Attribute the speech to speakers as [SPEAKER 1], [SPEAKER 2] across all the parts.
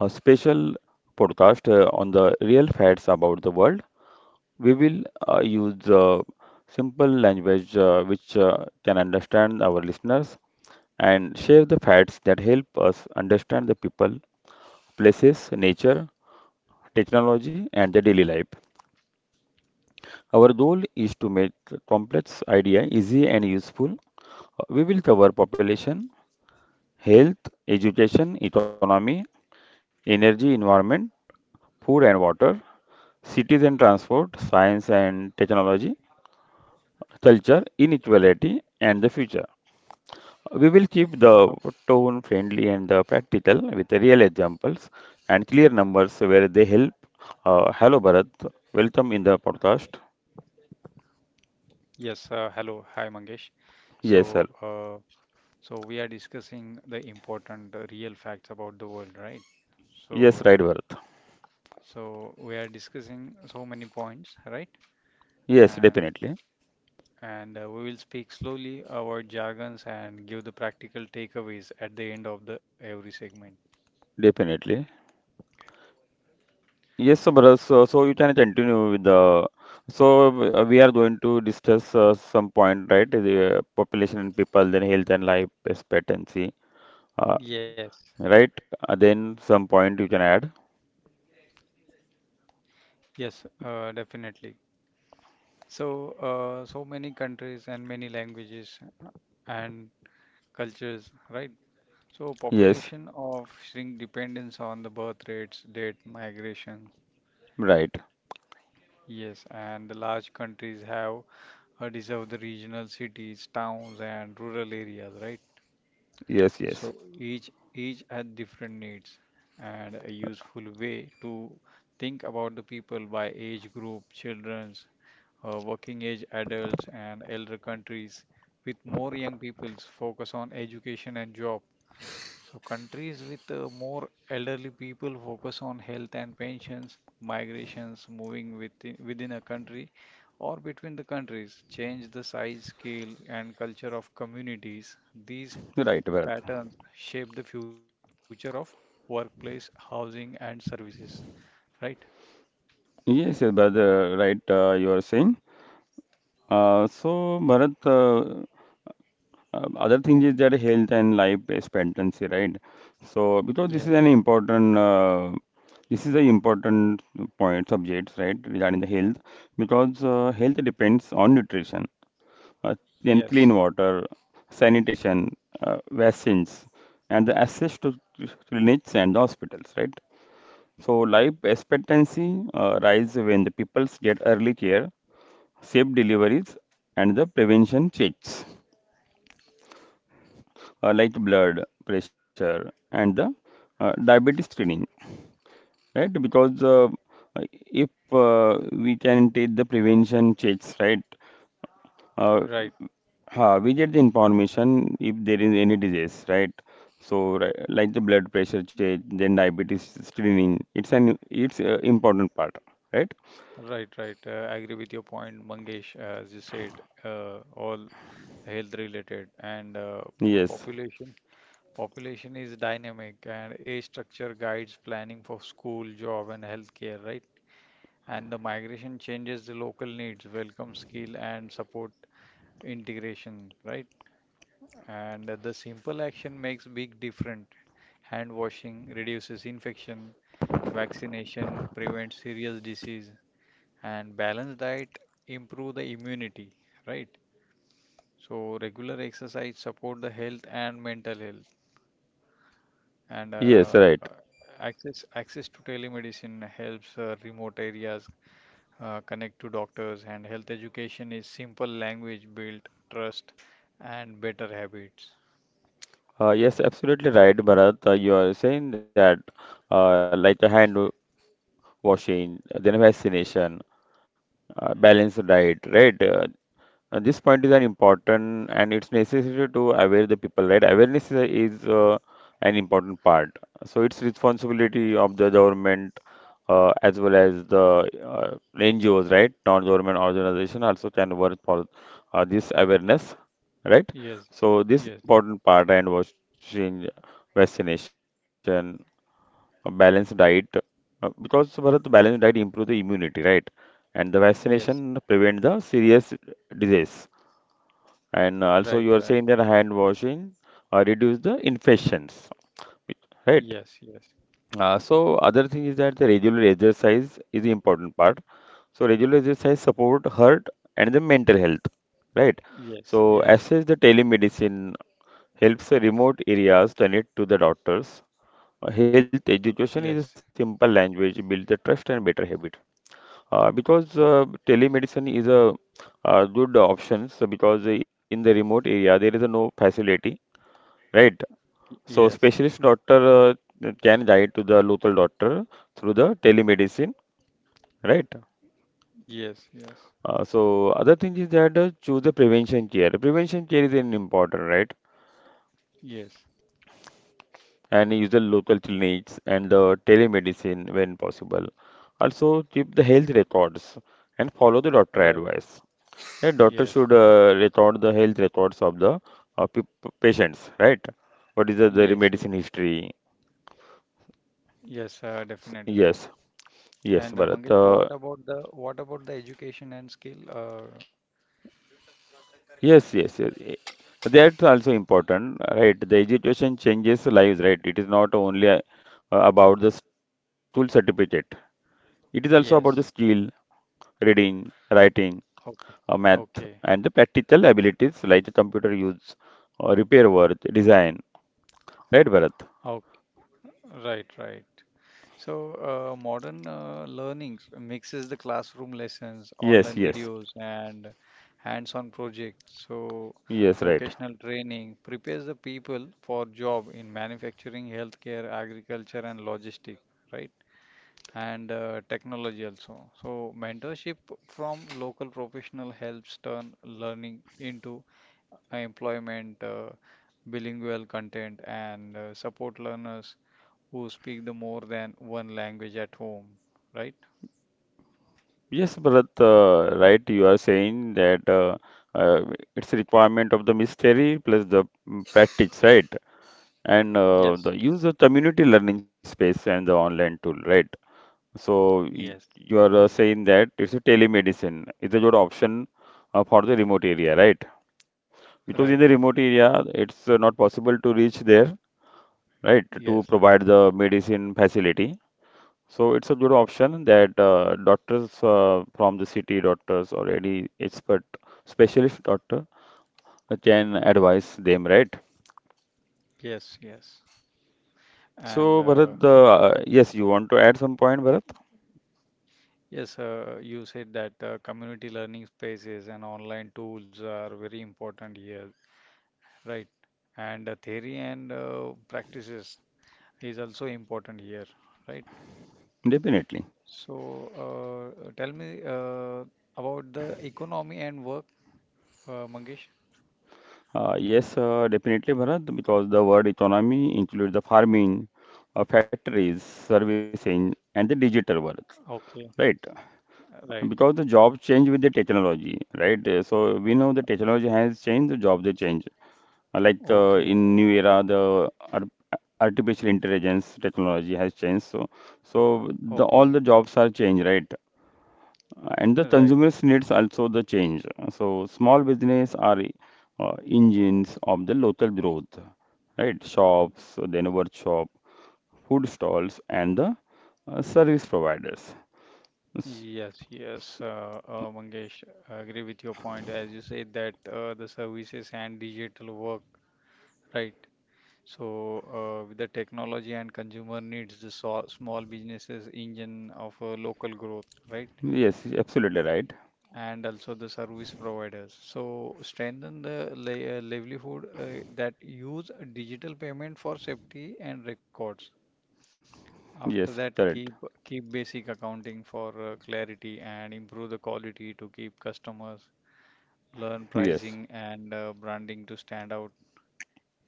[SPEAKER 1] a special podcast on the real facts about the world. We will use simple language which can understand our listeners and share the facts that help us understand the people, places, nature, technology, and the daily life. Our goal is to make complex idea easy and useful. We will cover population, health, education, economy, energy, environment food and water, cities and transport, science and technology, culture, inequality, and the future. We will keep
[SPEAKER 2] Oh,
[SPEAKER 1] the tone friendly and practical with real examples and clear numbers where they help. Hello, Bharat. Welcome in the podcast.
[SPEAKER 2] yes, hello. Hi, Mangesh. So,
[SPEAKER 1] Yes, sir.
[SPEAKER 2] uh, so we are discussing the important real facts about the world, right?
[SPEAKER 1] Yes,
[SPEAKER 2] So,
[SPEAKER 1] right, Bharat.
[SPEAKER 2] so we are discussing so many points, right?
[SPEAKER 1] Yes,
[SPEAKER 2] And
[SPEAKER 1] definitely.
[SPEAKER 2] and we will speak slowly, avoid jargons, and give the practical takeaways at the end of the every segment.
[SPEAKER 1] Definitely. Yes, so brother, so you can continue with the. So we are going to discuss some point, right? The population and people, then health and life expectancy, uh,
[SPEAKER 2] Yes,
[SPEAKER 1] right? Then some point you can add.
[SPEAKER 2] yes, Definitely. So, so many countries and many languages and cultures, right? So
[SPEAKER 1] Yes,
[SPEAKER 2] population of shrink dependence on the birth rates, date migration.
[SPEAKER 1] right.
[SPEAKER 2] Yes, and the large countries have deserve the regional cities, towns, and rural areas, right?
[SPEAKER 1] Yes, yes.
[SPEAKER 2] So each had different needs, and a useful way to think about the people by age group, children's, working age adults, and elder countries with more young people's focus on education and job. So countries with more elderly people focus on health and pensions, migrations, moving within a country or between the countries, change the size, scale, and culture of communities. These
[SPEAKER 1] Right, Bharat.
[SPEAKER 2] patterns shape the future of workplace, housing, and services. Right?
[SPEAKER 1] Yes, yes, Bharat, right, you are saying. So, Bharat, other thing is their health and life expectancy, right? So because this
[SPEAKER 2] Yes,
[SPEAKER 1] is an important, this is an important point subjects, right, regarding the health, because health depends on nutrition, uh, then
[SPEAKER 2] yes,
[SPEAKER 1] clean water, sanitation, vaccines, and the access to clinics and hospitals, right? So life expectancy rise when the peoples get early care, safe deliveries, and the prevention checks, like blood pressure and the diabetes screening, right? Because if we can take the prevention checks, right? Uh,
[SPEAKER 2] right,
[SPEAKER 1] We get the information if there is any disease, right? So, like the blood pressure check, then diabetes screening. It's a important part, right?
[SPEAKER 2] right, right. I agree with your point, Mangesh. As you said, all health related and
[SPEAKER 1] Yes,
[SPEAKER 2] population. Population is dynamic and age structure guides planning for school, job, and healthcare, right? And the migration changes the local needs, welcome skill, and support integration, right? And the simple action makes big difference. Hand washing reduces infection, vaccination prevents serious disease, and balanced diet improve the immunity, right? So regular exercise support the health and mental health. And
[SPEAKER 1] yes, right.
[SPEAKER 2] Access to telemedicine helps remote areas connect to doctors and health education is simple language built trust and better habits.
[SPEAKER 1] Yes, absolutely right, Bharat. You are saying that, like the hand washing, then vaccination, balanced diet, right? This point is an important and it's necessary to aware the people, right? Awareness is, is an important part. So it's responsibility of the government as well as the NGOs, right? Non-government organization also can work for this awareness, right?
[SPEAKER 2] Yes,
[SPEAKER 1] So this
[SPEAKER 2] yes,
[SPEAKER 1] important part and was change vaccination a balanced diet, because Bharat, balanced diet improve the immunity, right? And the
[SPEAKER 2] yes,
[SPEAKER 1] vaccination prevent the serious disease. And also
[SPEAKER 2] right,
[SPEAKER 1] you are
[SPEAKER 2] right,
[SPEAKER 1] saying that hand washing reduce the infections, right?
[SPEAKER 2] yes, yes,
[SPEAKER 1] So other thing is that the regular exercise is the important part. So regular exercise support heart and the mental health, right?
[SPEAKER 2] yes,
[SPEAKER 1] So
[SPEAKER 2] yes,
[SPEAKER 1] access the telemedicine helps the remote areas connect to the doctors, Health
[SPEAKER 2] yes,
[SPEAKER 1] education is a simple language, build the trust and better habit. Because telemedicine is a good option, so because in the remote area there is no facility, right?
[SPEAKER 2] y-
[SPEAKER 1] So
[SPEAKER 2] yes,
[SPEAKER 1] specialist doctor can guide to the local doctor through the telemedicine, right?
[SPEAKER 2] yes, yes,
[SPEAKER 1] So other thing is that choose the prevention care. Prevention care is an important, right?
[SPEAKER 2] yes,
[SPEAKER 1] And use the local clinics and the telemedicine when possible. Also, keep the health records and follow the doctor
[SPEAKER 2] right,
[SPEAKER 1] advice. A doctor
[SPEAKER 2] yes,
[SPEAKER 1] should record the health records of the uh, pe- patients, right? What is the, their
[SPEAKER 2] yes, yes,
[SPEAKER 1] medicine history?
[SPEAKER 2] yes, definitely.
[SPEAKER 1] Yes, yes,
[SPEAKER 2] And
[SPEAKER 1] Bharat.
[SPEAKER 2] Mangesh, what about the education and skill,
[SPEAKER 1] Yes, yes, yes. Eh, That's also important, right? The education changes lives, right? It is not only about the school certificate. It is also about the skill,
[SPEAKER 2] yes.
[SPEAKER 1] reading, writing,
[SPEAKER 2] Okay.
[SPEAKER 1] math
[SPEAKER 2] Okay.
[SPEAKER 1] and the practical abilities like the computer use, repair work, design. Right, Bharat?
[SPEAKER 2] Okay. Right, right. So, modern learning mixes the classroom lessons,
[SPEAKER 1] Yes,
[SPEAKER 2] online
[SPEAKER 1] yes,
[SPEAKER 2] videos, and hands-on projects. So,
[SPEAKER 1] yes, right.
[SPEAKER 2] vocational training prepares the people for job in manufacturing, healthcare, agriculture, and logistics, right? And technology also. So, mentorship from local professional helps turn learning into employment, bilingual content, and support learners who speak the more than one language at home, right?
[SPEAKER 1] Yes, Bharat, right. You are saying that uh, it's a requirement of the mystery plus the practice, right? And the
[SPEAKER 2] Yes,
[SPEAKER 1] use of community learning space and the online tool, right? So
[SPEAKER 2] yes,
[SPEAKER 1] you are saying that it's a telemedicine. It's a good option for the remote area, right? Because in the
[SPEAKER 2] right.
[SPEAKER 1] remote area, it's not possible to reach there, right, to
[SPEAKER 2] Yes.
[SPEAKER 1] provide the medicine facility. So it's a good option that doctors from the city doctors or any expert specialist doctor can advise them, right?
[SPEAKER 2] Yes. Yes. And
[SPEAKER 1] So Bharat, yes, you want to add some point, Bharat?
[SPEAKER 2] yes, you said that community learning spaces and online tools are very important here, right? And theory and practices is also important here, right?
[SPEAKER 1] Definitely.
[SPEAKER 2] So, tell me about the economy and work, Mangesh?
[SPEAKER 1] Yes, definitely, Bharat, because the word economy includes the farming, factories, servicing, and the digital world,
[SPEAKER 2] Okay,
[SPEAKER 1] right?
[SPEAKER 2] right.
[SPEAKER 1] Because the job change with the technology, right? So we know the technology has changed, the job they change. Like
[SPEAKER 2] Okay,
[SPEAKER 1] in new era, the artificial intelligence technology has changed. So, so the all
[SPEAKER 2] okay,
[SPEAKER 1] the jobs are changed, right? And the
[SPEAKER 2] right.
[SPEAKER 1] consumers needs also the change. So small business are engines of the local growth, right? Shops, then workshop, food stalls, and the service providers. S-
[SPEAKER 2] Yes, yes.
[SPEAKER 1] s-
[SPEAKER 2] Mangesh, I agree with your point. As you said that the services and digital work, right? So with the technology and consumer needs, the so small businesses engine of local growth, right?
[SPEAKER 1] Yes, absolutely right.
[SPEAKER 2] And also the service providers. So strengthen the livelihood that use digital payment for safety and records. After
[SPEAKER 1] Yes,
[SPEAKER 2] that,
[SPEAKER 1] correct.
[SPEAKER 2] keep basic accounting for clarity and improve the quality to keep customers, learn
[SPEAKER 1] Yes,
[SPEAKER 2] pricing and branding to stand out.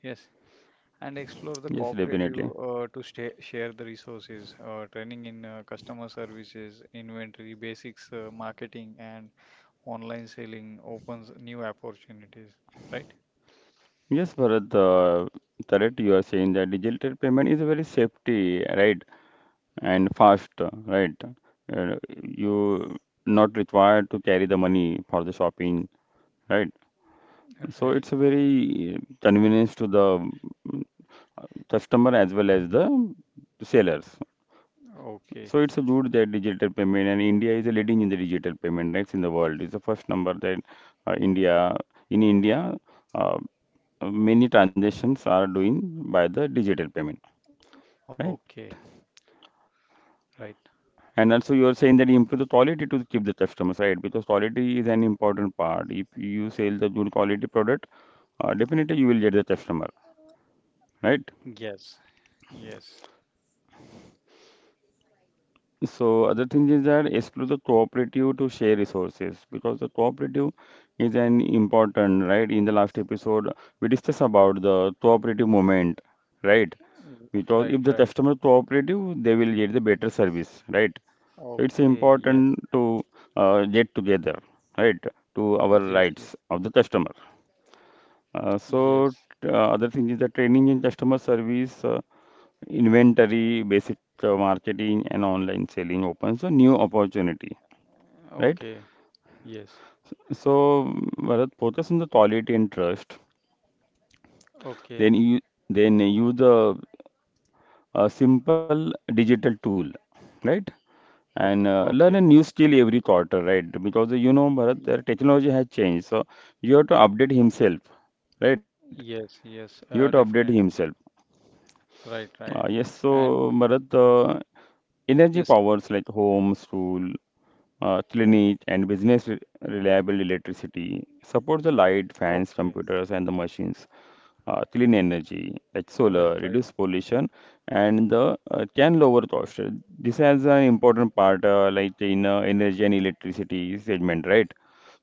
[SPEAKER 2] Yes, and explore
[SPEAKER 1] yes,
[SPEAKER 2] the
[SPEAKER 1] definitely.
[SPEAKER 2] cooperative to stay, share the resources, training in customer services, inventory basics, marketing and online selling opens new opportunities. Right?
[SPEAKER 1] Yes, Bharat, correct. You are saying that digital payment is very safety, right? And fast, right? Uh, you not required to carry the money for the shopping, right? So
[SPEAKER 2] Right.
[SPEAKER 1] it's a very convenience to the mm, customer as well as the sellers.
[SPEAKER 2] Okay.
[SPEAKER 1] So it's a good that digital payment and India is a leading in the digital payment next in the world. It's the first number that India in India uh, many transactions are doing by the digital payment, right?
[SPEAKER 2] Okay. Right.
[SPEAKER 1] And also you are saying that you improve the quality to keep the customers, right? Because quality is an important part. If you sell the good quality product, definitely you will get the customer, right?
[SPEAKER 2] Yes. Yes.
[SPEAKER 1] So other thing is that explore the cooperative to share resources because the cooperative is an important, right? In the last episode, we discussed about the cooperative movement, right?
[SPEAKER 2] R-
[SPEAKER 1] Because
[SPEAKER 2] Right.
[SPEAKER 1] if the
[SPEAKER 2] Right.
[SPEAKER 1] customer cooperative, they will get the better service, right? So it's
[SPEAKER 2] Okay. Yes.
[SPEAKER 1] important to get together, right? To our
[SPEAKER 2] Yes,
[SPEAKER 1] rights
[SPEAKER 2] yes,
[SPEAKER 1] of the customer. Uh, so
[SPEAKER 2] yes.
[SPEAKER 1] other thing is the training in customer service, inventory, basic marketing, and online selling opens a new opportunity, right?
[SPEAKER 2] Okay, yes.
[SPEAKER 1] So Bharat, focus on the quality and trust. Then
[SPEAKER 2] Okay,
[SPEAKER 1] you then use the a simple digital tool, right?
[SPEAKER 2] okay.
[SPEAKER 1] And
[SPEAKER 2] Okay.
[SPEAKER 1] learn a new skill every quarter, right? Because you know, Bharat,
[SPEAKER 2] Y-
[SPEAKER 1] the technology has changed, so you have to update himself, right?
[SPEAKER 2] Yes,
[SPEAKER 1] You have
[SPEAKER 2] yes,
[SPEAKER 1] to update himself.
[SPEAKER 2] definitely. Right,
[SPEAKER 1] Uh,
[SPEAKER 2] right.
[SPEAKER 1] yes, so
[SPEAKER 2] And
[SPEAKER 1] Bharat, energy
[SPEAKER 2] yes,
[SPEAKER 1] powers like homes, rule, clinic, and business re reliable electricity
[SPEAKER 2] okay.
[SPEAKER 1] supports the light, fans, computers, and the machines. Clean
[SPEAKER 2] Right,
[SPEAKER 1] energy
[SPEAKER 2] right.
[SPEAKER 1] like solar, reduce pollution, and the can lower cost. This has an
[SPEAKER 2] Oh,
[SPEAKER 1] important part like in energy and electricity segment, right?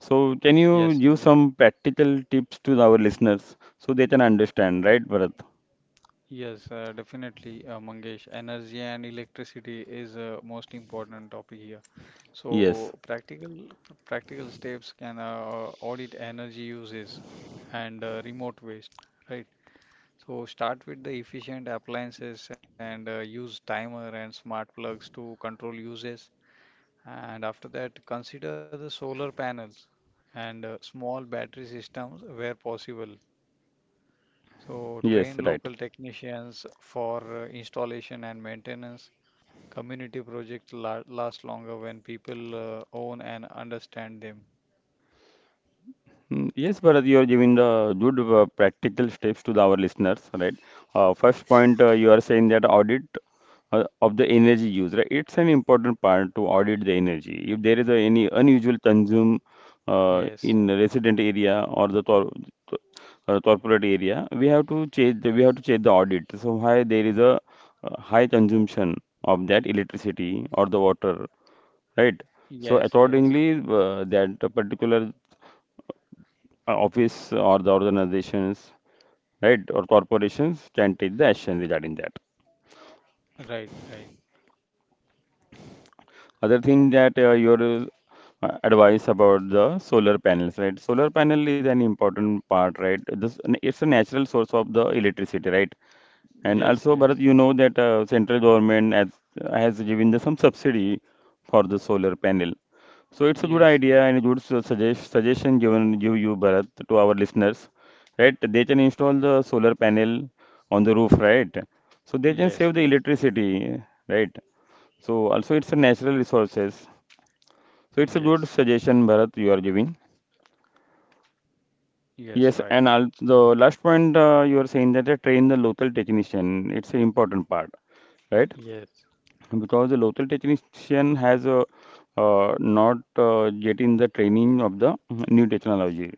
[SPEAKER 1] So can
[SPEAKER 2] yes,
[SPEAKER 1] you
[SPEAKER 2] ye-
[SPEAKER 1] give some practical tips to our listeners so they can understand, right, Bharat?
[SPEAKER 2] yes, definitely, Mangesh. Energy and electricity is a most important topic here. So
[SPEAKER 1] Yes.
[SPEAKER 2] practical practical steps can audit energy uses and remote waste, right? So start with the efficient appliances and use timer and smart plugs to control uses. And after that, consider the solar panels and small battery systems where possible. So
[SPEAKER 1] Yes,
[SPEAKER 2] train
[SPEAKER 1] right.
[SPEAKER 2] local technicians for installation and maintenance. Community projects la last longer when people own and understand them.
[SPEAKER 1] Yes Bharat, you are giving the good practical steps to the, our listeners, right? First point, you are saying that audit of the energy use, right? It's an important part to audit the energy. If there is a, any unusual consume in
[SPEAKER 2] Yes,
[SPEAKER 1] the resident area or the to- corporate area, we have to check the, we have to check the audit. So why there is a high consumption of that electricity or the water, right? So
[SPEAKER 2] yes, yes.
[SPEAKER 1] accordingly, that particular office or the organizations, right, or corporations can take the action regarding that.
[SPEAKER 2] Right, right.
[SPEAKER 1] Other thing that your advice about the solar panels, right? Solar panel is an important part, right? This it's a natural source of the electricity, right? And
[SPEAKER 2] Yes,
[SPEAKER 1] also, Bharat,
[SPEAKER 2] yes.
[SPEAKER 1] you know that central government has given the, some subsidy for the solar panel. So it's a good
[SPEAKER 2] Yes,
[SPEAKER 1] idea
[SPEAKER 2] yes.
[SPEAKER 1] and a good suggest, suggestion given you, you Bharat, to our listeners, right? They can install the solar panel on the roof, right? So they can save
[SPEAKER 2] Yes,
[SPEAKER 1] the
[SPEAKER 2] yes.
[SPEAKER 1] electricity, right? So also it's a natural resources. So it's a good
[SPEAKER 2] Yes.
[SPEAKER 1] suggestion, Bharat, you are giving. Yes,
[SPEAKER 2] Yes, right.
[SPEAKER 1] and the last point you are saying that they train the local technician. It's an important part, right?
[SPEAKER 2] Yes,
[SPEAKER 1] Because the local technician has not yet in the training of the new technology,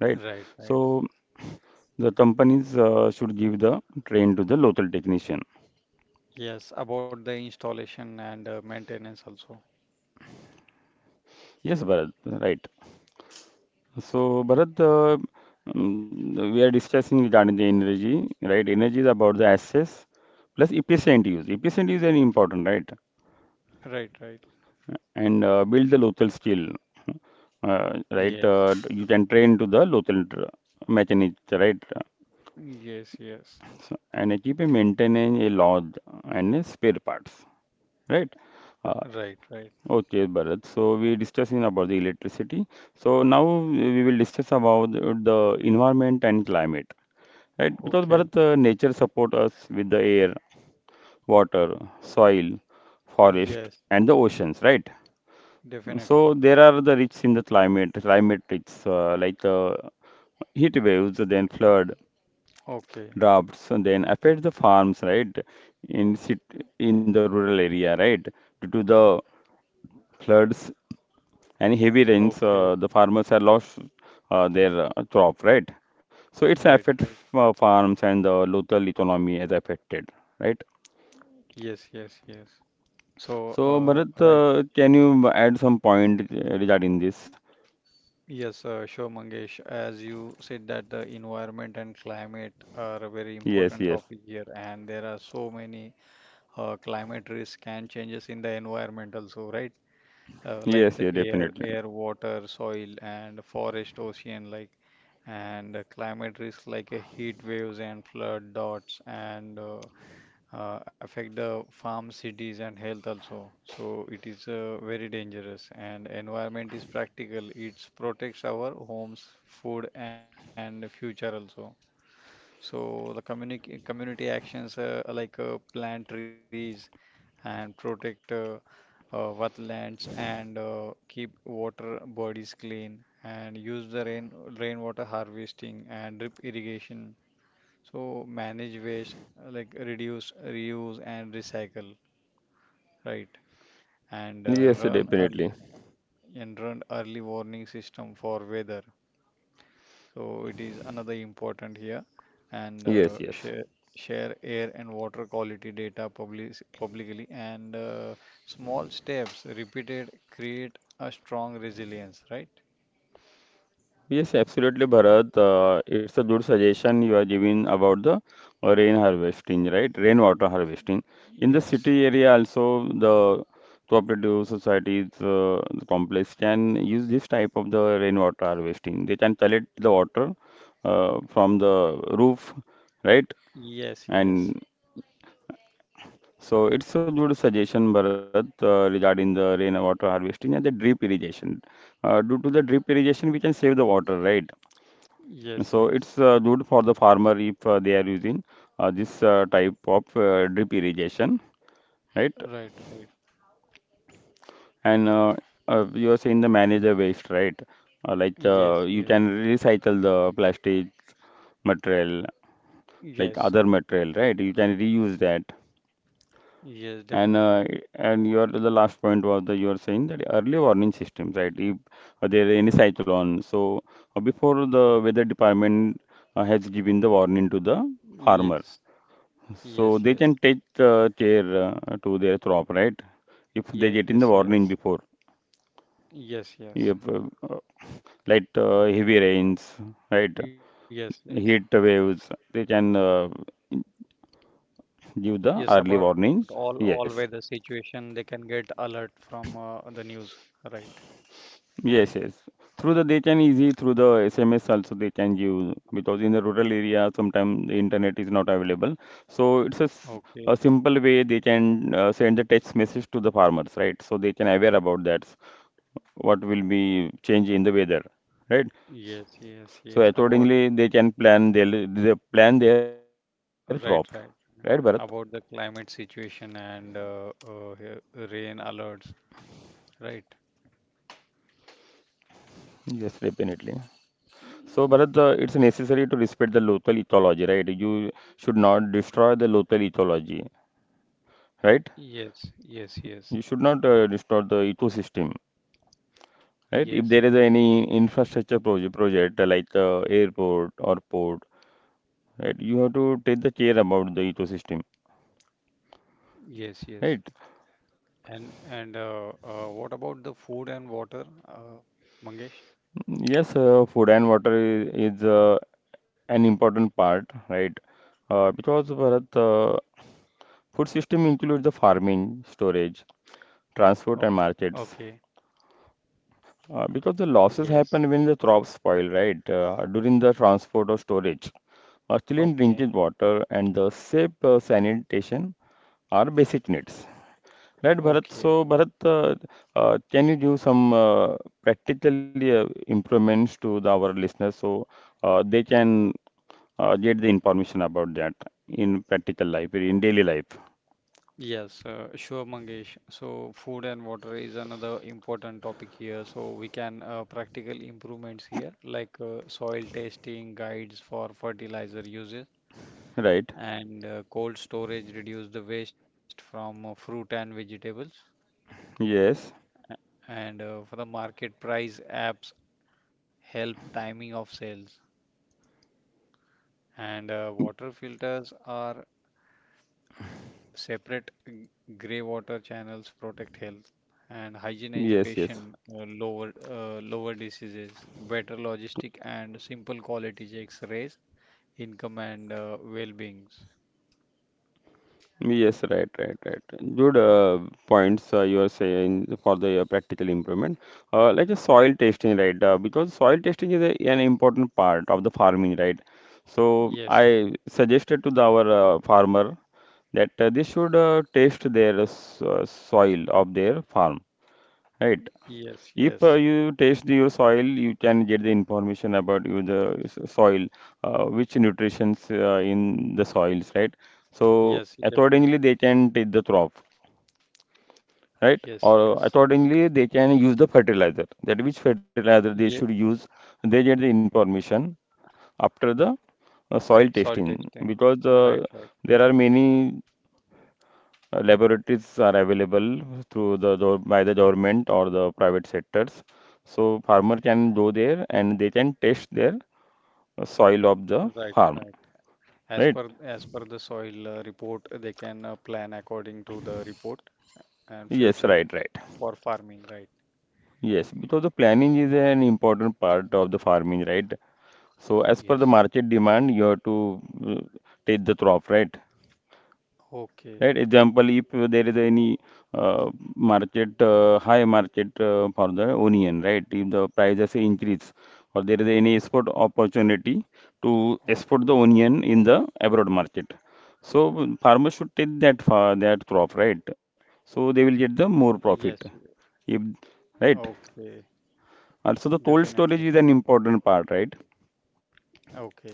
[SPEAKER 1] right?
[SPEAKER 2] right, right.
[SPEAKER 1] So the companies should give the train to the local technician.
[SPEAKER 2] Yes, about the installation and maintenance also.
[SPEAKER 1] Yes, Bharat, right. So Bharat, we are discussing regarding the energy, right? Energy is about the access plus efficient use. Efficient use is very important, right?
[SPEAKER 2] Right, right.
[SPEAKER 1] And build the local skill. Right,
[SPEAKER 2] Yes,
[SPEAKER 1] you can train to the local mechanic, right,
[SPEAKER 2] yes, yes.
[SPEAKER 1] so, and keep a maintaining a lodge and a spare parts, right.
[SPEAKER 2] R-
[SPEAKER 1] Uh,
[SPEAKER 2] Right, right.
[SPEAKER 1] okay, Bharat. So we discussing about the electricity. So now we will discuss about the environment and climate, right? Because
[SPEAKER 2] Okay.
[SPEAKER 1] Bharat, nature support us with the air, water, soil, forest,
[SPEAKER 2] Yes,
[SPEAKER 1] and the oceans, right? So
[SPEAKER 2] definitely.
[SPEAKER 1] there are the risks in the climate, climate risks like heat waves, then flood,
[SPEAKER 2] Okay,
[SPEAKER 1] droughts, and then affect the farms, right? In in the rural area, right? Due to the floods and heavy rains,
[SPEAKER 2] okay.
[SPEAKER 1] the farmers have lost their crop, right? So it's
[SPEAKER 2] Right,
[SPEAKER 1] affect
[SPEAKER 2] right.
[SPEAKER 1] farms and the local economy is affected, right?
[SPEAKER 2] Yes, yes, yes. So,
[SPEAKER 1] So Bharat,
[SPEAKER 2] right.
[SPEAKER 1] can you add some point regarding this?
[SPEAKER 2] Yes, sure, Mangesh. As you said that the environment and climate are a very
[SPEAKER 1] Yes,
[SPEAKER 2] important
[SPEAKER 1] yes,
[SPEAKER 2] topic here, and there are so many climate risk and changes in the environment also, right? Like
[SPEAKER 1] yes,
[SPEAKER 2] the
[SPEAKER 1] yes,
[SPEAKER 2] air,
[SPEAKER 1] definitely.
[SPEAKER 2] air, water, soil, and forest, ocean, like and climate risk like heat waves and flood dots and affect the farm cities and health also. So it is very dangerous and environment is practical. It protects our homes, food and future also. So the community actions like plant trees and protect wetlands and keep water bodies clean and use the rainwater harvesting and drip irrigation. So manage waste, like reduce, reuse and recycle, right? And
[SPEAKER 1] Yes,
[SPEAKER 2] run early,
[SPEAKER 1] definitely.
[SPEAKER 2] and run early warning system for weather. So it is another important here and uh,
[SPEAKER 1] Yes, yes.
[SPEAKER 2] share share air and water quality data public, publicly and small steps repeated create a strong resilience, right?
[SPEAKER 1] Yes, absolutely, Bharat. It's a good suggestion you are giving about the rain harvesting, right? Rainwater harvesting. In the
[SPEAKER 2] Yes,
[SPEAKER 1] city area also, the cooperative societies, the complex can use this type of the rainwater harvesting. They can collect the water from the roof, right?
[SPEAKER 2] yes,
[SPEAKER 1] And
[SPEAKER 2] yes,
[SPEAKER 1] so it's a good suggestion, Bharat, regarding the rainwater harvesting and the drip irrigation. Due to the drip irrigation, we can save the water, right?
[SPEAKER 2] yes,
[SPEAKER 1] So it's
[SPEAKER 2] yes.
[SPEAKER 1] good for the farmer if they are using this type of drip irrigation, right?
[SPEAKER 2] Right, right.
[SPEAKER 1] And you are saying the manage the waste, right? Like you
[SPEAKER 2] Yes,
[SPEAKER 1] can
[SPEAKER 2] yes,
[SPEAKER 1] recycle the plastic material, like other
[SPEAKER 2] yes,
[SPEAKER 1] material, right? You can reuse that.
[SPEAKER 2] yes,
[SPEAKER 1] And uh,
[SPEAKER 2] definitely.
[SPEAKER 1] and your the last point was that you are saying that early warning systems, right? If there is any cyclone, so before the weather department has given the warning to the farmer,
[SPEAKER 2] Yes,
[SPEAKER 1] so they can
[SPEAKER 2] yes,
[SPEAKER 1] take
[SPEAKER 2] yes,
[SPEAKER 1] care to their crop, right? If they get in the
[SPEAKER 2] yes,
[SPEAKER 1] warning
[SPEAKER 2] yes,
[SPEAKER 1] before,
[SPEAKER 2] yes,
[SPEAKER 1] if,
[SPEAKER 2] yes,
[SPEAKER 1] like heavy rains, right?
[SPEAKER 2] yes, yes.
[SPEAKER 1] Heat waves, they can give the early
[SPEAKER 2] Yes, about
[SPEAKER 1] warnings.
[SPEAKER 2] all
[SPEAKER 1] Yes.
[SPEAKER 2] weather situation, they can get alert from the news, right?
[SPEAKER 1] Yes, yes. Through they can easy through the SMS also they can give because in the rural area sometimes the internet is not available. So it's a, a
[SPEAKER 2] Okay.
[SPEAKER 1] simple way they can send the text message to the farmers, right? So they can aware about that what will be change in the weather, right?
[SPEAKER 2] Yes, yes,
[SPEAKER 1] So
[SPEAKER 2] yes. About
[SPEAKER 1] accordingly they plan their crop, right, Bharat?
[SPEAKER 2] right, right. About the climate situation and rain alerts, right?
[SPEAKER 1] Yes, definitely. So, Bharat, it's necessary to respect the local ecology, right? You should not destroy the local ecology, right?
[SPEAKER 2] Yes, yes, yes,
[SPEAKER 1] You should not distort the ecosystem, right? If
[SPEAKER 2] yes,
[SPEAKER 1] there is any infrastructure project like airport or port, right? You have to take the care about the ecosystem,
[SPEAKER 2] yes, yes.
[SPEAKER 1] right?
[SPEAKER 2] And what about the food and water, Mangesh?
[SPEAKER 1] Yes, food and water is an important part, right? Because Bharat, food system includes the farming, storage,
[SPEAKER 2] Okay.
[SPEAKER 1] transport, and
[SPEAKER 2] Okay.
[SPEAKER 1] markets. Because the losses
[SPEAKER 2] Yes.
[SPEAKER 1] happen when the crops spoil, right? During the transport or storage. Clean
[SPEAKER 2] Okay.
[SPEAKER 1] drinking water and the safe sanitation are basic needs. Right, Bharat?
[SPEAKER 2] Okay.
[SPEAKER 1] So, Bharat, can you give some practical improvements to the, our listeners so they can get the information about that in practical life, in daily life?
[SPEAKER 2] Yes, sure, Mangesh. So, food and water is another important topic here. So, we can practical improvements here, like soil testing guides for fertilizer uses
[SPEAKER 1] Right?
[SPEAKER 2] and cold storage reduce the waste from fruit and vegetables.
[SPEAKER 1] Yes,
[SPEAKER 2] And for the market price apps help timing of sales. And water filters are separate grey water channels protect health and hygiene
[SPEAKER 1] yes, yes.
[SPEAKER 2] education, lower diseases, better logistic and simple quality checks raise income and well-beings.
[SPEAKER 1] Yes, right, right, right. Good points you are saying for the practical improvement. Like a soil testing, right? Because soil testing is a, an important part of the farming, right? So
[SPEAKER 2] Yes,
[SPEAKER 1] I suggested to the, our farmer that they should test their soil of their farm, right?
[SPEAKER 2] yes,
[SPEAKER 1] If
[SPEAKER 2] yes,
[SPEAKER 1] you test your soil, you can get the information about you the soil, which nutrients in the soils, right? So
[SPEAKER 2] yes,
[SPEAKER 1] accordingly,
[SPEAKER 2] definitely.
[SPEAKER 1] they can take the crop, right?
[SPEAKER 2] Yes, yes,
[SPEAKER 1] Or accordingly, they can use the fertilizer. That which
[SPEAKER 2] yes.
[SPEAKER 1] fertilizer they should use, they get the information after the soil
[SPEAKER 2] Soil
[SPEAKER 1] testing
[SPEAKER 2] testing.
[SPEAKER 1] because
[SPEAKER 2] Right, right,
[SPEAKER 1] there are many laboratories are available through the by the government or the private sectors. So farmer can go there and they can test their soil of the
[SPEAKER 2] right,
[SPEAKER 1] farm,
[SPEAKER 2] right. As per
[SPEAKER 1] right?
[SPEAKER 2] as per the soil report, they can plan according to the report and
[SPEAKER 1] Yes,
[SPEAKER 2] future
[SPEAKER 1] right, right.
[SPEAKER 2] for farming. Right.
[SPEAKER 1] Yes, because the planning is an important part of the farming, right? So as per the
[SPEAKER 2] Yes.
[SPEAKER 1] market demand, you have to uh, take the crop, right?
[SPEAKER 2] Okay.
[SPEAKER 1] Right? Example, if there is any uh, market, high market for the onion, right? If the prices increase or there is any export opportunity to export the
[SPEAKER 2] Okay.
[SPEAKER 1] onion in the abroad market. So farmers should take that for that crop, right? So they will get the more
[SPEAKER 2] Yes. y-
[SPEAKER 1] profit. If, right?
[SPEAKER 2] Okay.
[SPEAKER 1] Also the toll
[SPEAKER 2] Definitely.
[SPEAKER 1] storage is an important part, right?
[SPEAKER 2] Okay.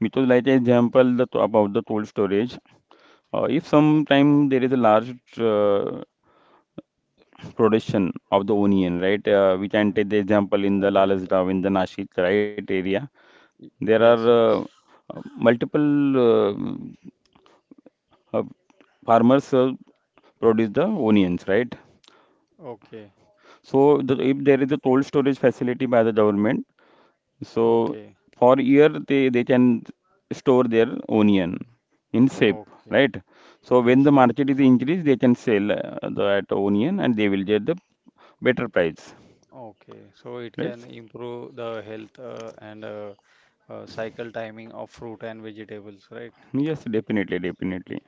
[SPEAKER 1] Because like example the, about the toll storage, if sometime there is a large production of the onion, right? We can take the example
[SPEAKER 2] Right.
[SPEAKER 1] in the
[SPEAKER 2] Right.
[SPEAKER 1] Lalasdaw, in the Nashik, right area.
[SPEAKER 2] Y-
[SPEAKER 1] There
[SPEAKER 2] Yes.
[SPEAKER 1] are uh,
[SPEAKER 2] Yes.
[SPEAKER 1] multiple uh, farmers produce the onions, right?
[SPEAKER 2] Okay.
[SPEAKER 1] So the, if there is a cold storage facility by the government, so
[SPEAKER 2] Okay.
[SPEAKER 1] for year they can store their onion in safe,
[SPEAKER 2] Okay.
[SPEAKER 1] right? So when
[SPEAKER 2] Yes.
[SPEAKER 1] the
[SPEAKER 2] Yes.
[SPEAKER 1] market is increased, they can sell that onion and they will get the better price,
[SPEAKER 2] Okay. So it
[SPEAKER 1] right?
[SPEAKER 2] can improve the health and cycle timing of fruit and vegetables, right?
[SPEAKER 1] Yes, definitely, definitely.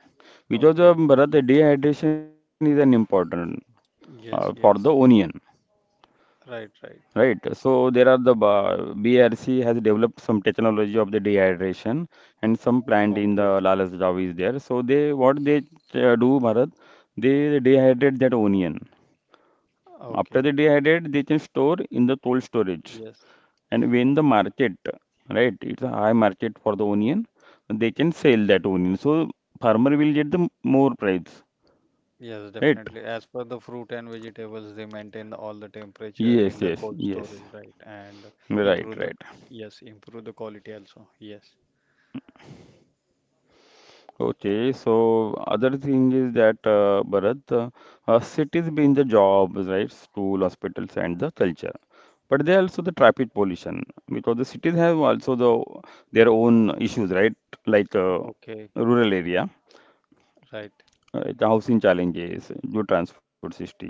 [SPEAKER 1] Because
[SPEAKER 2] Okay.
[SPEAKER 1] Bharat, dehydration is an important for the
[SPEAKER 2] Yes. Yes.
[SPEAKER 1] onion,
[SPEAKER 2] Right.
[SPEAKER 1] right?
[SPEAKER 2] Right.
[SPEAKER 1] So there are the BRC has developed some technology of the dehydration, and some plant in
[SPEAKER 2] Okay.
[SPEAKER 1] the Lalas Javi is there. So they what they do, Bharat, they dehydrate that onion.
[SPEAKER 2] Okay.
[SPEAKER 1] After they dehydrate, they can store in the cold storage,
[SPEAKER 2] Yes.
[SPEAKER 1] and when the market, right, it's a high market for the onion, they can sell that onion. So farmer will get the more price.
[SPEAKER 2] Yes,
[SPEAKER 1] Right.
[SPEAKER 2] definitely. As per the fruit and vegetables, they maintain all the temperature in
[SPEAKER 1] Yes,
[SPEAKER 2] the
[SPEAKER 1] yes,
[SPEAKER 2] cold
[SPEAKER 1] yes.
[SPEAKER 2] storage, right? And
[SPEAKER 1] Right,
[SPEAKER 2] improve the,
[SPEAKER 1] right.
[SPEAKER 2] yes, improve the quality also. Yes.
[SPEAKER 1] Okay, so other thing is that Bharat, cities being the jobs, right? School, hospitals, and the culture. But they also the traffic pollution because the cities have also the their own issues, right? Like
[SPEAKER 2] Okay.
[SPEAKER 1] rural area,
[SPEAKER 2] Right.
[SPEAKER 1] right? The housing challenges, good transport system.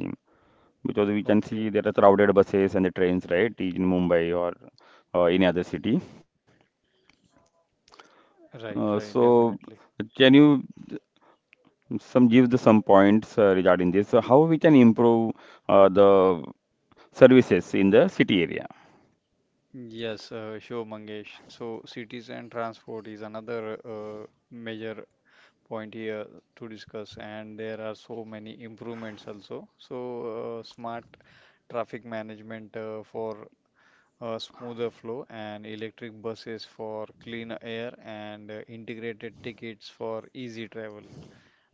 [SPEAKER 1] Because we can see
[SPEAKER 2] Okay.
[SPEAKER 1] there are crowded buses and the trains, right? In Mumbai or any other city.
[SPEAKER 2] Right. Right.
[SPEAKER 1] So
[SPEAKER 2] Definitely.
[SPEAKER 1] can you? Some give the some points regarding this. So how we can improve the services in the city area?
[SPEAKER 2] Yes, sure, Mangesh. So, cities and transport is another major point here to discuss, and there are so many improvements also. So, smart traffic management for a smoother flow, and electric buses for clean air, and integrated tickets for easy travel,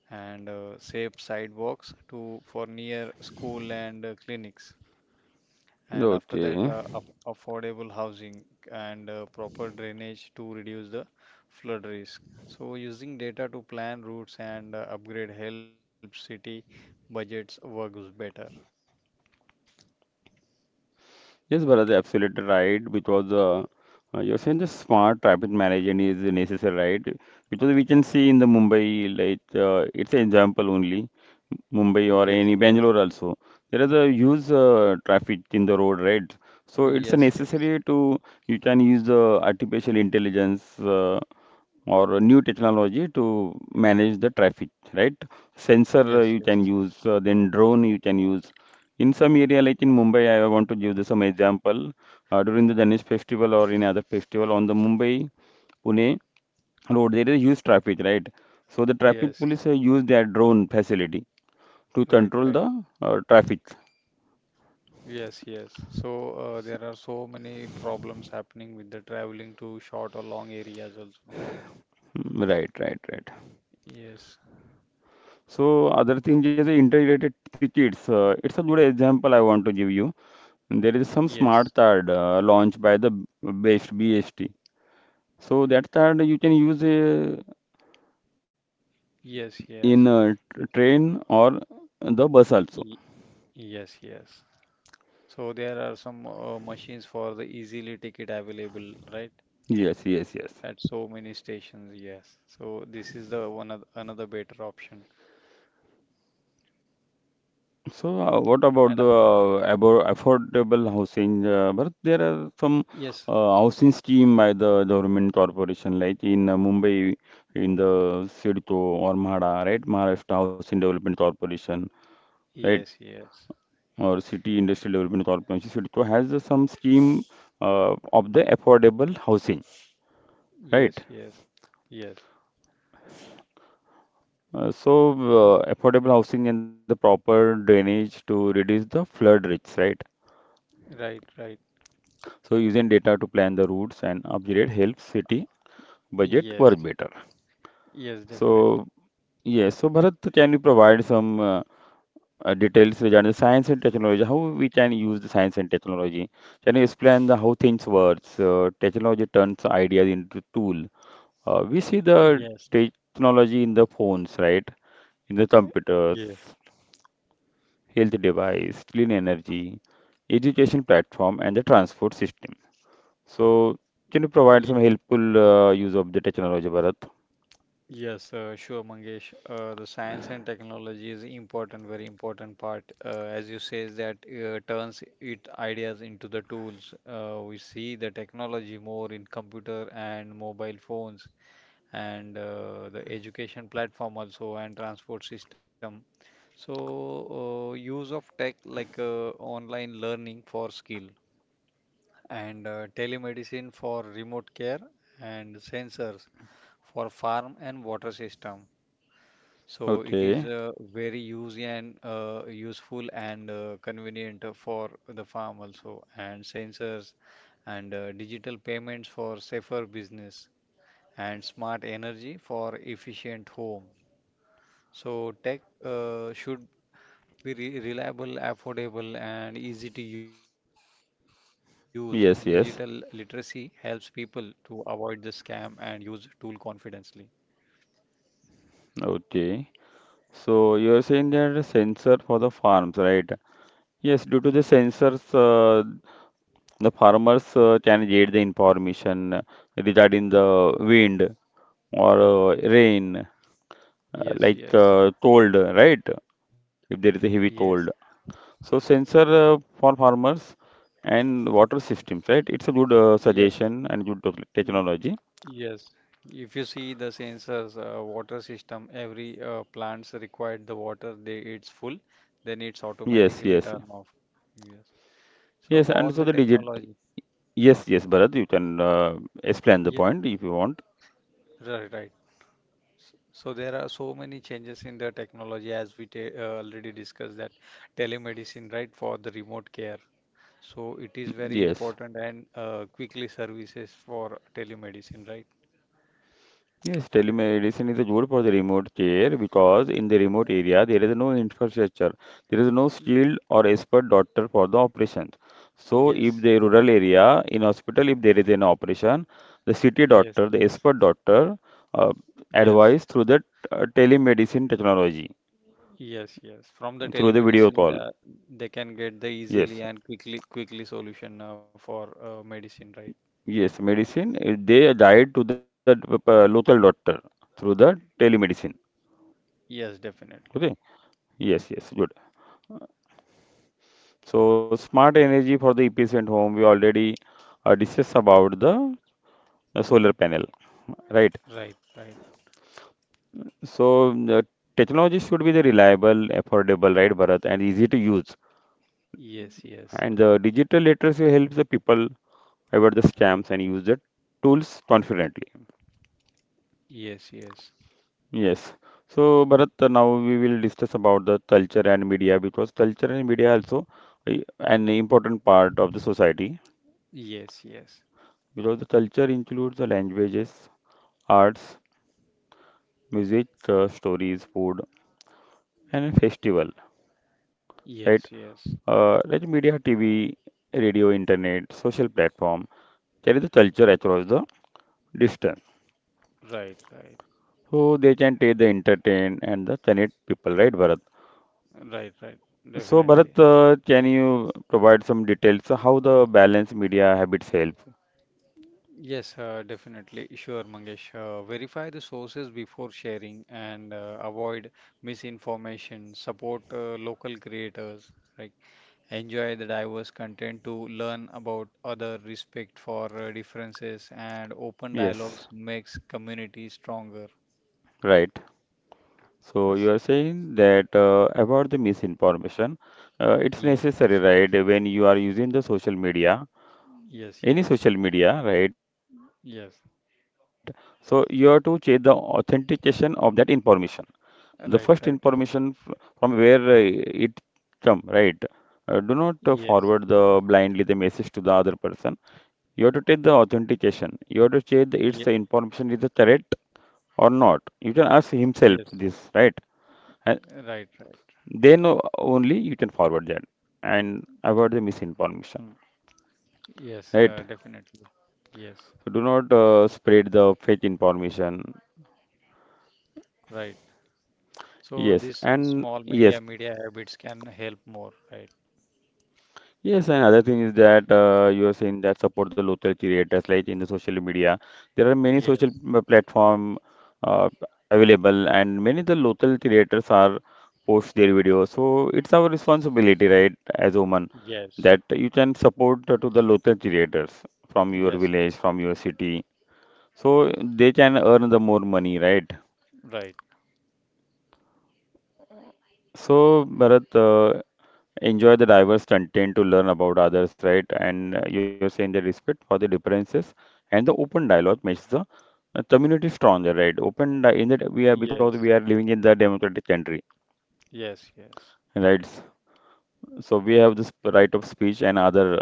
[SPEAKER 2] and safe sidewalks to for near school and clinics. And after that,
[SPEAKER 1] Okay.
[SPEAKER 2] affordable housing and proper drainage to reduce the flood risk. So, using data to plan routes and upgrade helps city budgets works better.
[SPEAKER 1] Yes, Bharat, absolutely right. Because you're saying the smart traffic management is necessary, right? Because we can see in the Mumbai, like it's an example only. Mumbai or
[SPEAKER 2] Yes,
[SPEAKER 1] any
[SPEAKER 2] yes,
[SPEAKER 1] Bangalore also, there is a huge traffic in the road, right? So it's a
[SPEAKER 2] yes, yes,
[SPEAKER 1] necessary to you can use the artificial intelligence. Or a new technology to manage the traffic, right? Sensor
[SPEAKER 2] yes,
[SPEAKER 1] you
[SPEAKER 2] yes,
[SPEAKER 1] can use, then drone you can use. In some area like in Mumbai, I want to give you some example. During the Ganesh festival or any other festival on the Mumbai Pune road, there is huge traffic, right? So the traffic
[SPEAKER 2] yes.
[SPEAKER 1] police use their drone facility to
[SPEAKER 2] Right,
[SPEAKER 1] control
[SPEAKER 2] right.
[SPEAKER 1] the traffic.
[SPEAKER 2] Yes, yes. So there are so many problems happening with the traveling to short or long areas also.
[SPEAKER 1] Mm, right, right, right.
[SPEAKER 2] Yes,
[SPEAKER 1] So other thing is the integrated tickets. It's a good example I want to give you. There is some
[SPEAKER 2] yes,
[SPEAKER 1] smart card launched by the BEST, BST. So that card you can use
[SPEAKER 2] yes,
[SPEAKER 1] in a
[SPEAKER 2] yes. It-
[SPEAKER 1] train or the bus also.
[SPEAKER 2] y- yes, yes. So there are some machines for the easily ticket available, right?
[SPEAKER 1] Yes, yes, yes.
[SPEAKER 2] At so many stations, yes. So this is the one of, another better option.
[SPEAKER 1] So what about
[SPEAKER 2] And
[SPEAKER 1] the affordable housing? Bharat? There are some
[SPEAKER 2] yes,
[SPEAKER 1] housing scheme by the government corporation, like in Mumbai, in the Sidco or MHADA, right? Maharashtra Housing Development Corporation, right?
[SPEAKER 2] yes, yes,
[SPEAKER 1] Or City Industrial Development Corporation, CIDCO, has some scheme of the affordable housing, right?
[SPEAKER 2] yes, yes, yes.
[SPEAKER 1] So, affordable housing and the proper drainage to reduce the flood risks, right?
[SPEAKER 2] Right, right.
[SPEAKER 1] So, using data to plan the routes and upgrade helps city budget work
[SPEAKER 2] Yes,
[SPEAKER 1] better.
[SPEAKER 2] yes, definitely.
[SPEAKER 1] So, yes, so Bharat, can you provide some details regarding the science and technology? How we can use the science and technology? Can you explain the how things works? Technology turns ideas into tool. We see the
[SPEAKER 2] Yes,
[SPEAKER 1] technology in the phones, right? In the computers,
[SPEAKER 2] yes.
[SPEAKER 1] health device, clean energy, education platform, and the transport system. So, can you provide
[SPEAKER 2] Ye-
[SPEAKER 1] some helpful use of the technology, Bharat?
[SPEAKER 2] Yes, sure, Mangesh. The science and technology is important, very important part. As you say, that turns it ideas into the tools. We see the technology more in computer and mobile phones, and the education platform also, and transport system. So, use of tech like online learning for skill, and telemedicine for remote care, and sensors for farm and water system, so it
[SPEAKER 1] Okay.
[SPEAKER 2] is very use and useful and convenient for the farm also, and sensors and digital payments for safer business and smart energy for efficient home. So tech should be re reliable, affordable, and easy to use. Digital literacy
[SPEAKER 1] Yes,
[SPEAKER 2] helps
[SPEAKER 1] yes.
[SPEAKER 2] people to avoid the scam and use tool confidently.
[SPEAKER 1] Okay. So you're saying there is a sensor for the farms, right? Yes, due to the sensors, the farmers can get the information regarding the wind or rain
[SPEAKER 2] Yes,
[SPEAKER 1] like
[SPEAKER 2] yes,
[SPEAKER 1] told, right? If there is a heavy
[SPEAKER 2] yes,
[SPEAKER 1] told. So sensor for farmers and water systems, right? It's a good
[SPEAKER 2] yes.
[SPEAKER 1] suggestion and good technology.
[SPEAKER 2] Yes, if you see the sensors, water system, every plants required the water they it's full, then it's
[SPEAKER 1] Yes,
[SPEAKER 2] automatically
[SPEAKER 1] yes,
[SPEAKER 2] turn off. Yes. So
[SPEAKER 1] yes. And
[SPEAKER 2] all
[SPEAKER 1] so
[SPEAKER 2] the
[SPEAKER 1] the digit.
[SPEAKER 2] technology.
[SPEAKER 1] Yes, yes, Bharat, you can explain the
[SPEAKER 2] Yeah,
[SPEAKER 1] point if you want.
[SPEAKER 2] right, right. S- So there are so many changes in the technology as we ta already discussed that telemedicine, right, for the remote care. So it is very
[SPEAKER 1] Yes.
[SPEAKER 2] important and quickly services for telemedicine, right?
[SPEAKER 1] Yes, telemedicine is a good for the remote care because in the remote area there is no infrastructure. There is no
[SPEAKER 2] Y-
[SPEAKER 1] skilled or expert doctor for the operations. So if
[SPEAKER 2] yes,
[SPEAKER 1] the rural area in hospital, if there is an operation, the city
[SPEAKER 2] yes,
[SPEAKER 1] doctor, the
[SPEAKER 2] yes,
[SPEAKER 1] expert doctor uh,
[SPEAKER 2] yes.
[SPEAKER 1] advise through the telemedicine technology,
[SPEAKER 2] Yes, yes.
[SPEAKER 1] through the
[SPEAKER 2] From the
[SPEAKER 1] video call.
[SPEAKER 2] telemedicine, they can get the
[SPEAKER 1] Yes,
[SPEAKER 2] easily and quickly solution for medicine, right?
[SPEAKER 1] yes, medicine, they guide to the local doctor through the
[SPEAKER 2] Y-
[SPEAKER 1] telemedicine.
[SPEAKER 2] Yes, definitely.
[SPEAKER 1] Okay. Yes, yes, good. So smart energy for the efficient home, we already discussed about the solar panel, right?
[SPEAKER 2] Right, right.
[SPEAKER 1] So the technology should be the reliable, affordable, right, Bharat, and easy to use.
[SPEAKER 2] Yes,
[SPEAKER 1] And
[SPEAKER 2] yes.
[SPEAKER 1] the digital literacy helps the people avoid the scams and use the tools confidently.
[SPEAKER 2] Yes, yes.
[SPEAKER 1] Yes. So Bharat, now we will discuss about the culture and media because culture and media also uh, an important part of the society
[SPEAKER 2] Yes, yes.
[SPEAKER 1] because the culture includes the languages, arts music, stories, food, and festival,
[SPEAKER 2] Yes,
[SPEAKER 1] right?
[SPEAKER 2] yes.
[SPEAKER 1] Like media, TV, radio, internet, social platform, carry the culture across the distance.
[SPEAKER 2] Right, right.
[SPEAKER 1] So they can take the entertain and the connect people, right, Bharat?
[SPEAKER 2] Right, right.
[SPEAKER 1] So
[SPEAKER 2] Definitely.
[SPEAKER 1] Bharat, can you provide some details how the balanced media habits help?
[SPEAKER 2] Yes, definitely. Sure, Mangesh. Verify the sources before sharing and avoid misinformation. Support local creators, right? Enjoy the diverse content to learn about other respect for differences and open
[SPEAKER 1] Yes,
[SPEAKER 2] dialogues makes community stronger.
[SPEAKER 1] right. So
[SPEAKER 2] Yes,
[SPEAKER 1] you are saying that about the misinformation, it's
[SPEAKER 2] yes,
[SPEAKER 1] necessary, right? When you are using the social media,
[SPEAKER 2] yes,
[SPEAKER 1] any
[SPEAKER 2] yes,
[SPEAKER 1] social media, right? So you have
[SPEAKER 2] yes,
[SPEAKER 1] to check the authentication of that information. The first information
[SPEAKER 2] right, right, right.
[SPEAKER 1] from where it come, right? Do not forward
[SPEAKER 2] Yes,
[SPEAKER 1] the blindly the message to the other person. You have to take the authentication. You have to check the its
[SPEAKER 2] Ye-
[SPEAKER 1] information is the correct or not. You can ask himself
[SPEAKER 2] yes,
[SPEAKER 1] this, right? And
[SPEAKER 2] right, right,
[SPEAKER 1] then only you can forward that and avoid the misinformation,
[SPEAKER 2] yes,
[SPEAKER 1] right?
[SPEAKER 2] definitely, yes,
[SPEAKER 1] So do not spread the fake information.
[SPEAKER 2] right. So
[SPEAKER 1] Yes,
[SPEAKER 2] this
[SPEAKER 1] and
[SPEAKER 2] small media
[SPEAKER 1] yes,
[SPEAKER 2] media habits can help more, right?
[SPEAKER 1] yes, and other thing is that you are saying that support the local creators like in the social media. There are many social
[SPEAKER 2] Yes,
[SPEAKER 1] platform uh, available, and many the local creators are post their videos. So it's our responsibility, right, as women,
[SPEAKER 2] yes,
[SPEAKER 1] that you can support to the local creators from your
[SPEAKER 2] yes,
[SPEAKER 1] village,
[SPEAKER 2] yes,
[SPEAKER 1] from your city, so they can earn the more money, right?
[SPEAKER 2] right,
[SPEAKER 1] So Bharat, enjoy the diverse content to learn about others, right? And you're saying the respect for the differences and the open dialogue makes the community stronger, right? In that we are because we
[SPEAKER 2] yes,
[SPEAKER 1] are living in the democratic country,
[SPEAKER 2] yes, yes,
[SPEAKER 1] right? So we have this right of speech and other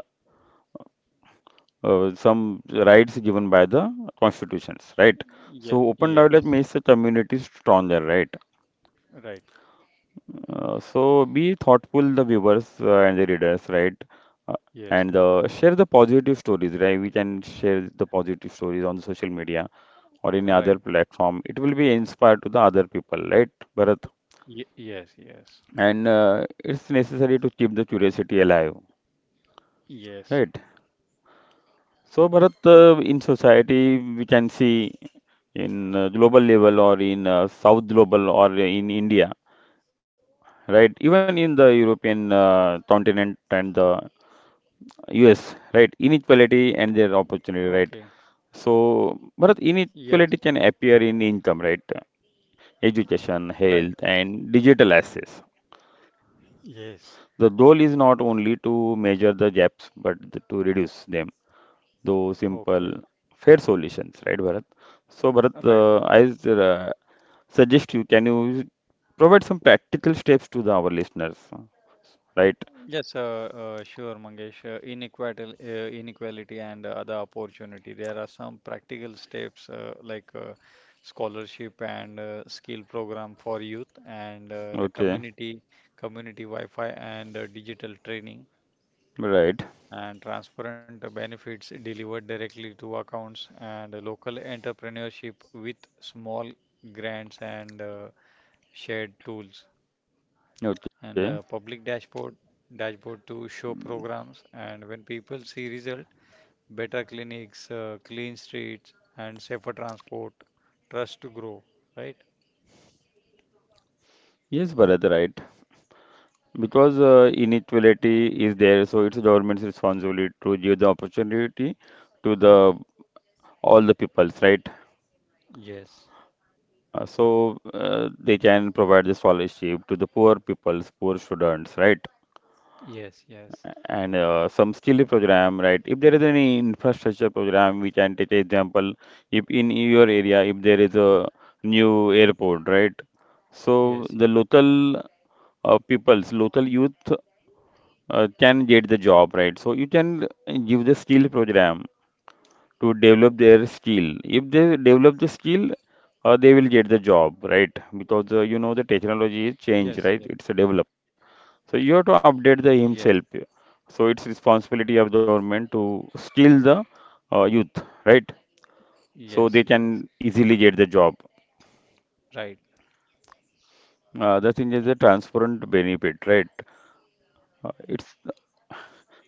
[SPEAKER 1] some rights given by the constitutions, right?
[SPEAKER 2] Ye-
[SPEAKER 1] So open dialogue
[SPEAKER 2] yes,
[SPEAKER 1] makes the community stronger, right?
[SPEAKER 2] right.
[SPEAKER 1] So be thoughtful, the viewers and the readers, right? Uh,
[SPEAKER 2] Yes,
[SPEAKER 1] and share the positive stories, right? We can share the positive stories on social media or any
[SPEAKER 2] right.
[SPEAKER 1] other platform. It will be inspired to the other people, right, Bharat?
[SPEAKER 2] Ye yes, yes,
[SPEAKER 1] And it's necessary to keep the curiosity alive,
[SPEAKER 2] yes.
[SPEAKER 1] right? So, Bharat, in society, we can see in global level or in South global or in India, right? Even in the European continent and the Yes, right. Inequality and their
[SPEAKER 2] Okay.
[SPEAKER 1] opportunity, right? So, Bharat,
[SPEAKER 2] Yes,
[SPEAKER 1] inequality can appear in income, right? Education,
[SPEAKER 2] right.
[SPEAKER 1] health, and digital access.
[SPEAKER 2] Yes.
[SPEAKER 1] The goal is not only to measure the gaps, but to reduce them. Though simple,
[SPEAKER 2] Okay.
[SPEAKER 1] fair solutions, right, Bharat? So, Bharat,
[SPEAKER 2] Right.
[SPEAKER 1] suggest you, can you provide some practical steps to the, our listeners, right?
[SPEAKER 2] Yes, sure, Mangesh. Inequality and other opportunity. There are some practical steps like scholarship and skill program for youth and the
[SPEAKER 1] Okay,
[SPEAKER 2] community, community Wi-Fi and digital training,
[SPEAKER 1] right.
[SPEAKER 2] and transparent benefits delivered directly to accounts and local entrepreneurship with small grants and shared tools and a public
[SPEAKER 1] Okay.
[SPEAKER 2] dashboard to show programs. And when people see result, better clinics, clean streets and safer transport, trust to grow, right?
[SPEAKER 1] Yes, Bharat, right. Because inequality is there, so it's government's responsibility to give the opportunity to the all the peoples, right?
[SPEAKER 2] Yes,
[SPEAKER 1] So they can provide the scholarship to the poor peoples, poor students, right?
[SPEAKER 2] yes, yes,
[SPEAKER 1] And some skill program, right? If there is any infrastructure program, we can take example. If in your area, if there is a new airport, right? So
[SPEAKER 2] yes,
[SPEAKER 1] the local peoples, local youth can get the job, right? So you can give the skill program to develop their skill. If they develop the skill, they will get the job, right? Because you
[SPEAKER 2] yes,
[SPEAKER 1] know the
[SPEAKER 2] yes,
[SPEAKER 1] technology is change, right? It's a develop. So you have to
[SPEAKER 2] yes,
[SPEAKER 1] update the himself. So it's responsibility of government to skill the youth, right? So
[SPEAKER 2] yes,
[SPEAKER 1] they
[SPEAKER 2] yes,
[SPEAKER 1] can easily get the job.
[SPEAKER 2] right,
[SPEAKER 1] The thing is the transparent benefit, right? It's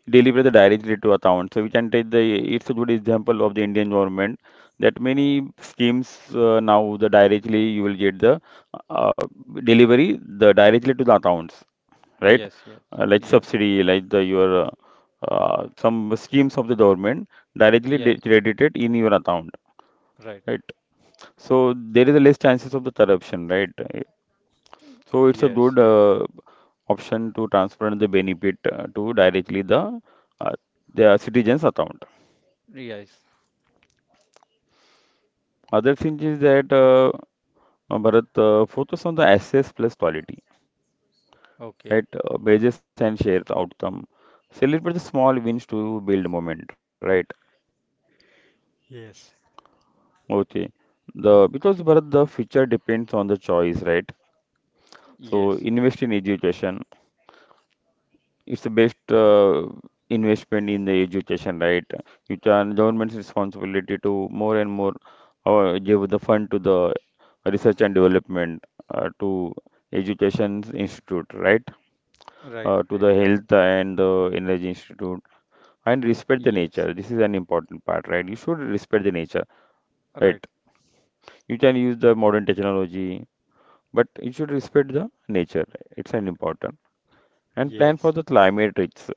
[SPEAKER 1] deliver the directly to account. So we can take the it's a good example of the Indian government that many schemes now the directly you will get the uh, delivery the directly to the accounts, right?
[SPEAKER 2] yes, yes,
[SPEAKER 1] Like
[SPEAKER 2] yes,
[SPEAKER 1] subsidy, like the your some schemes of the government
[SPEAKER 2] yes, yes.
[SPEAKER 1] credited in your account,
[SPEAKER 2] Right.
[SPEAKER 1] right? So there is a less chances of the corruption, right? So it's a
[SPEAKER 2] Yes,
[SPEAKER 1] good
[SPEAKER 2] yes.
[SPEAKER 1] option to transfer the benefit to directly uh, the citizens account.
[SPEAKER 2] Yes.
[SPEAKER 1] Other thing is that Bharat focus on the access plus quality, right?
[SPEAKER 2] Okay.
[SPEAKER 1] Wages and shares outcome. Celebrate the small wins to build moment, right?
[SPEAKER 2] Yes.
[SPEAKER 1] Okay. The because Bharat the future depends on the choice, right? So
[SPEAKER 2] Yes, yes.
[SPEAKER 1] invest in education. It's the best investment in the education, right? It's an government's responsibility to more and more give the fund to the research and development to education institute, right?
[SPEAKER 2] Right,
[SPEAKER 1] To
[SPEAKER 2] right,
[SPEAKER 1] the
[SPEAKER 2] right.
[SPEAKER 1] health and the energy institute and respect the
[SPEAKER 2] Yes.
[SPEAKER 1] nature. This is an important part, right? You should respect the nature, right?
[SPEAKER 2] Right.
[SPEAKER 1] You can use the modern technology, but you should respect the nature. It's an important and plan for
[SPEAKER 2] Yes.
[SPEAKER 1] the climate risk,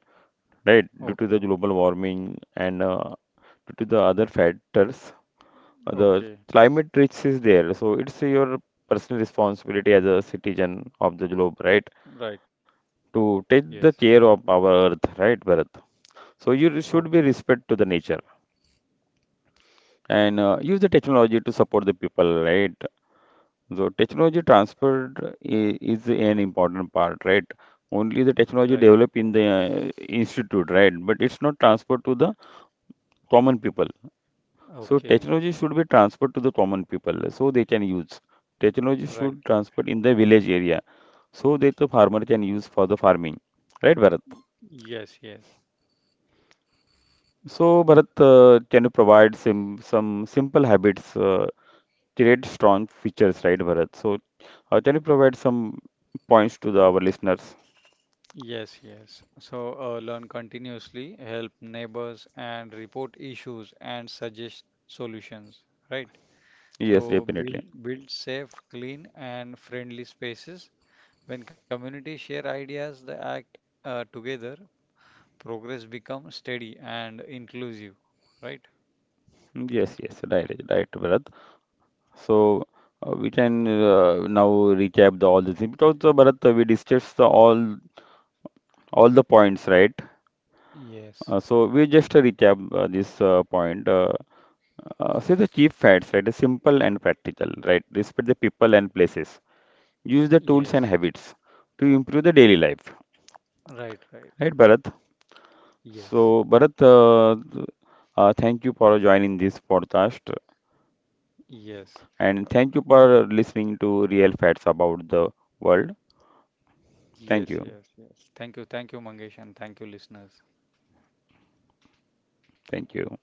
[SPEAKER 1] right? Due to the
[SPEAKER 2] Okay.
[SPEAKER 1] global warming and due to the other factors, the
[SPEAKER 2] Okay.
[SPEAKER 1] climate risk is there. So it's your personal responsibility as a citizen of the globe,
[SPEAKER 2] Right.
[SPEAKER 1] right?
[SPEAKER 2] Yes.
[SPEAKER 1] To take the care of our earth, right, Bharat? So you should
[SPEAKER 2] Okay.
[SPEAKER 1] be respect to the nature and use the technology to support the people, right? So technology transfer is an important part, right? Only the
[SPEAKER 2] Right.
[SPEAKER 1] technology developed in the institute, right? But it's not transferred to the common people. So
[SPEAKER 2] Okay.
[SPEAKER 1] technology should be transferred to the common people so they can use. Technology
[SPEAKER 2] Right.
[SPEAKER 1] should transfer in the village area so that the farmer can use for the farming. Right, Bharat?
[SPEAKER 2] Yes, yes.
[SPEAKER 1] So, Bharat, can you provide sim some simple habits, create strong features, right, Bharat? So, can you provide some points to the, our listeners?
[SPEAKER 2] Yes, yes. So learn continuously, help neighbors and report issues and suggest solutions, right?
[SPEAKER 1] Yes,
[SPEAKER 2] So
[SPEAKER 1] definitely.
[SPEAKER 2] build safe, clean and friendly spaces. When communities share ideas, they act together, progress becomes steady and inclusive, right?
[SPEAKER 1] Mm, yes, yes, right, right, Bharat. So we can now recap the all the things because Bharat, we discussed the all the points, right?
[SPEAKER 2] Yes,
[SPEAKER 1] So we just recap this point. Say the chief facts, right? Is simple and practical, right? Respect the people and places. Use the tools and
[SPEAKER 2] yes,
[SPEAKER 1] habits to improve the daily life,
[SPEAKER 2] right, right.
[SPEAKER 1] right, Bharat? So,
[SPEAKER 2] Yes,
[SPEAKER 1] Bharat, thank you for joining this podcast
[SPEAKER 2] yes,
[SPEAKER 1] and thank you for listening to Real Facts about the world. Thank you.
[SPEAKER 2] yes, yes, yes. Thank you, Mangesh, and thank you, listeners.
[SPEAKER 1] Thank you.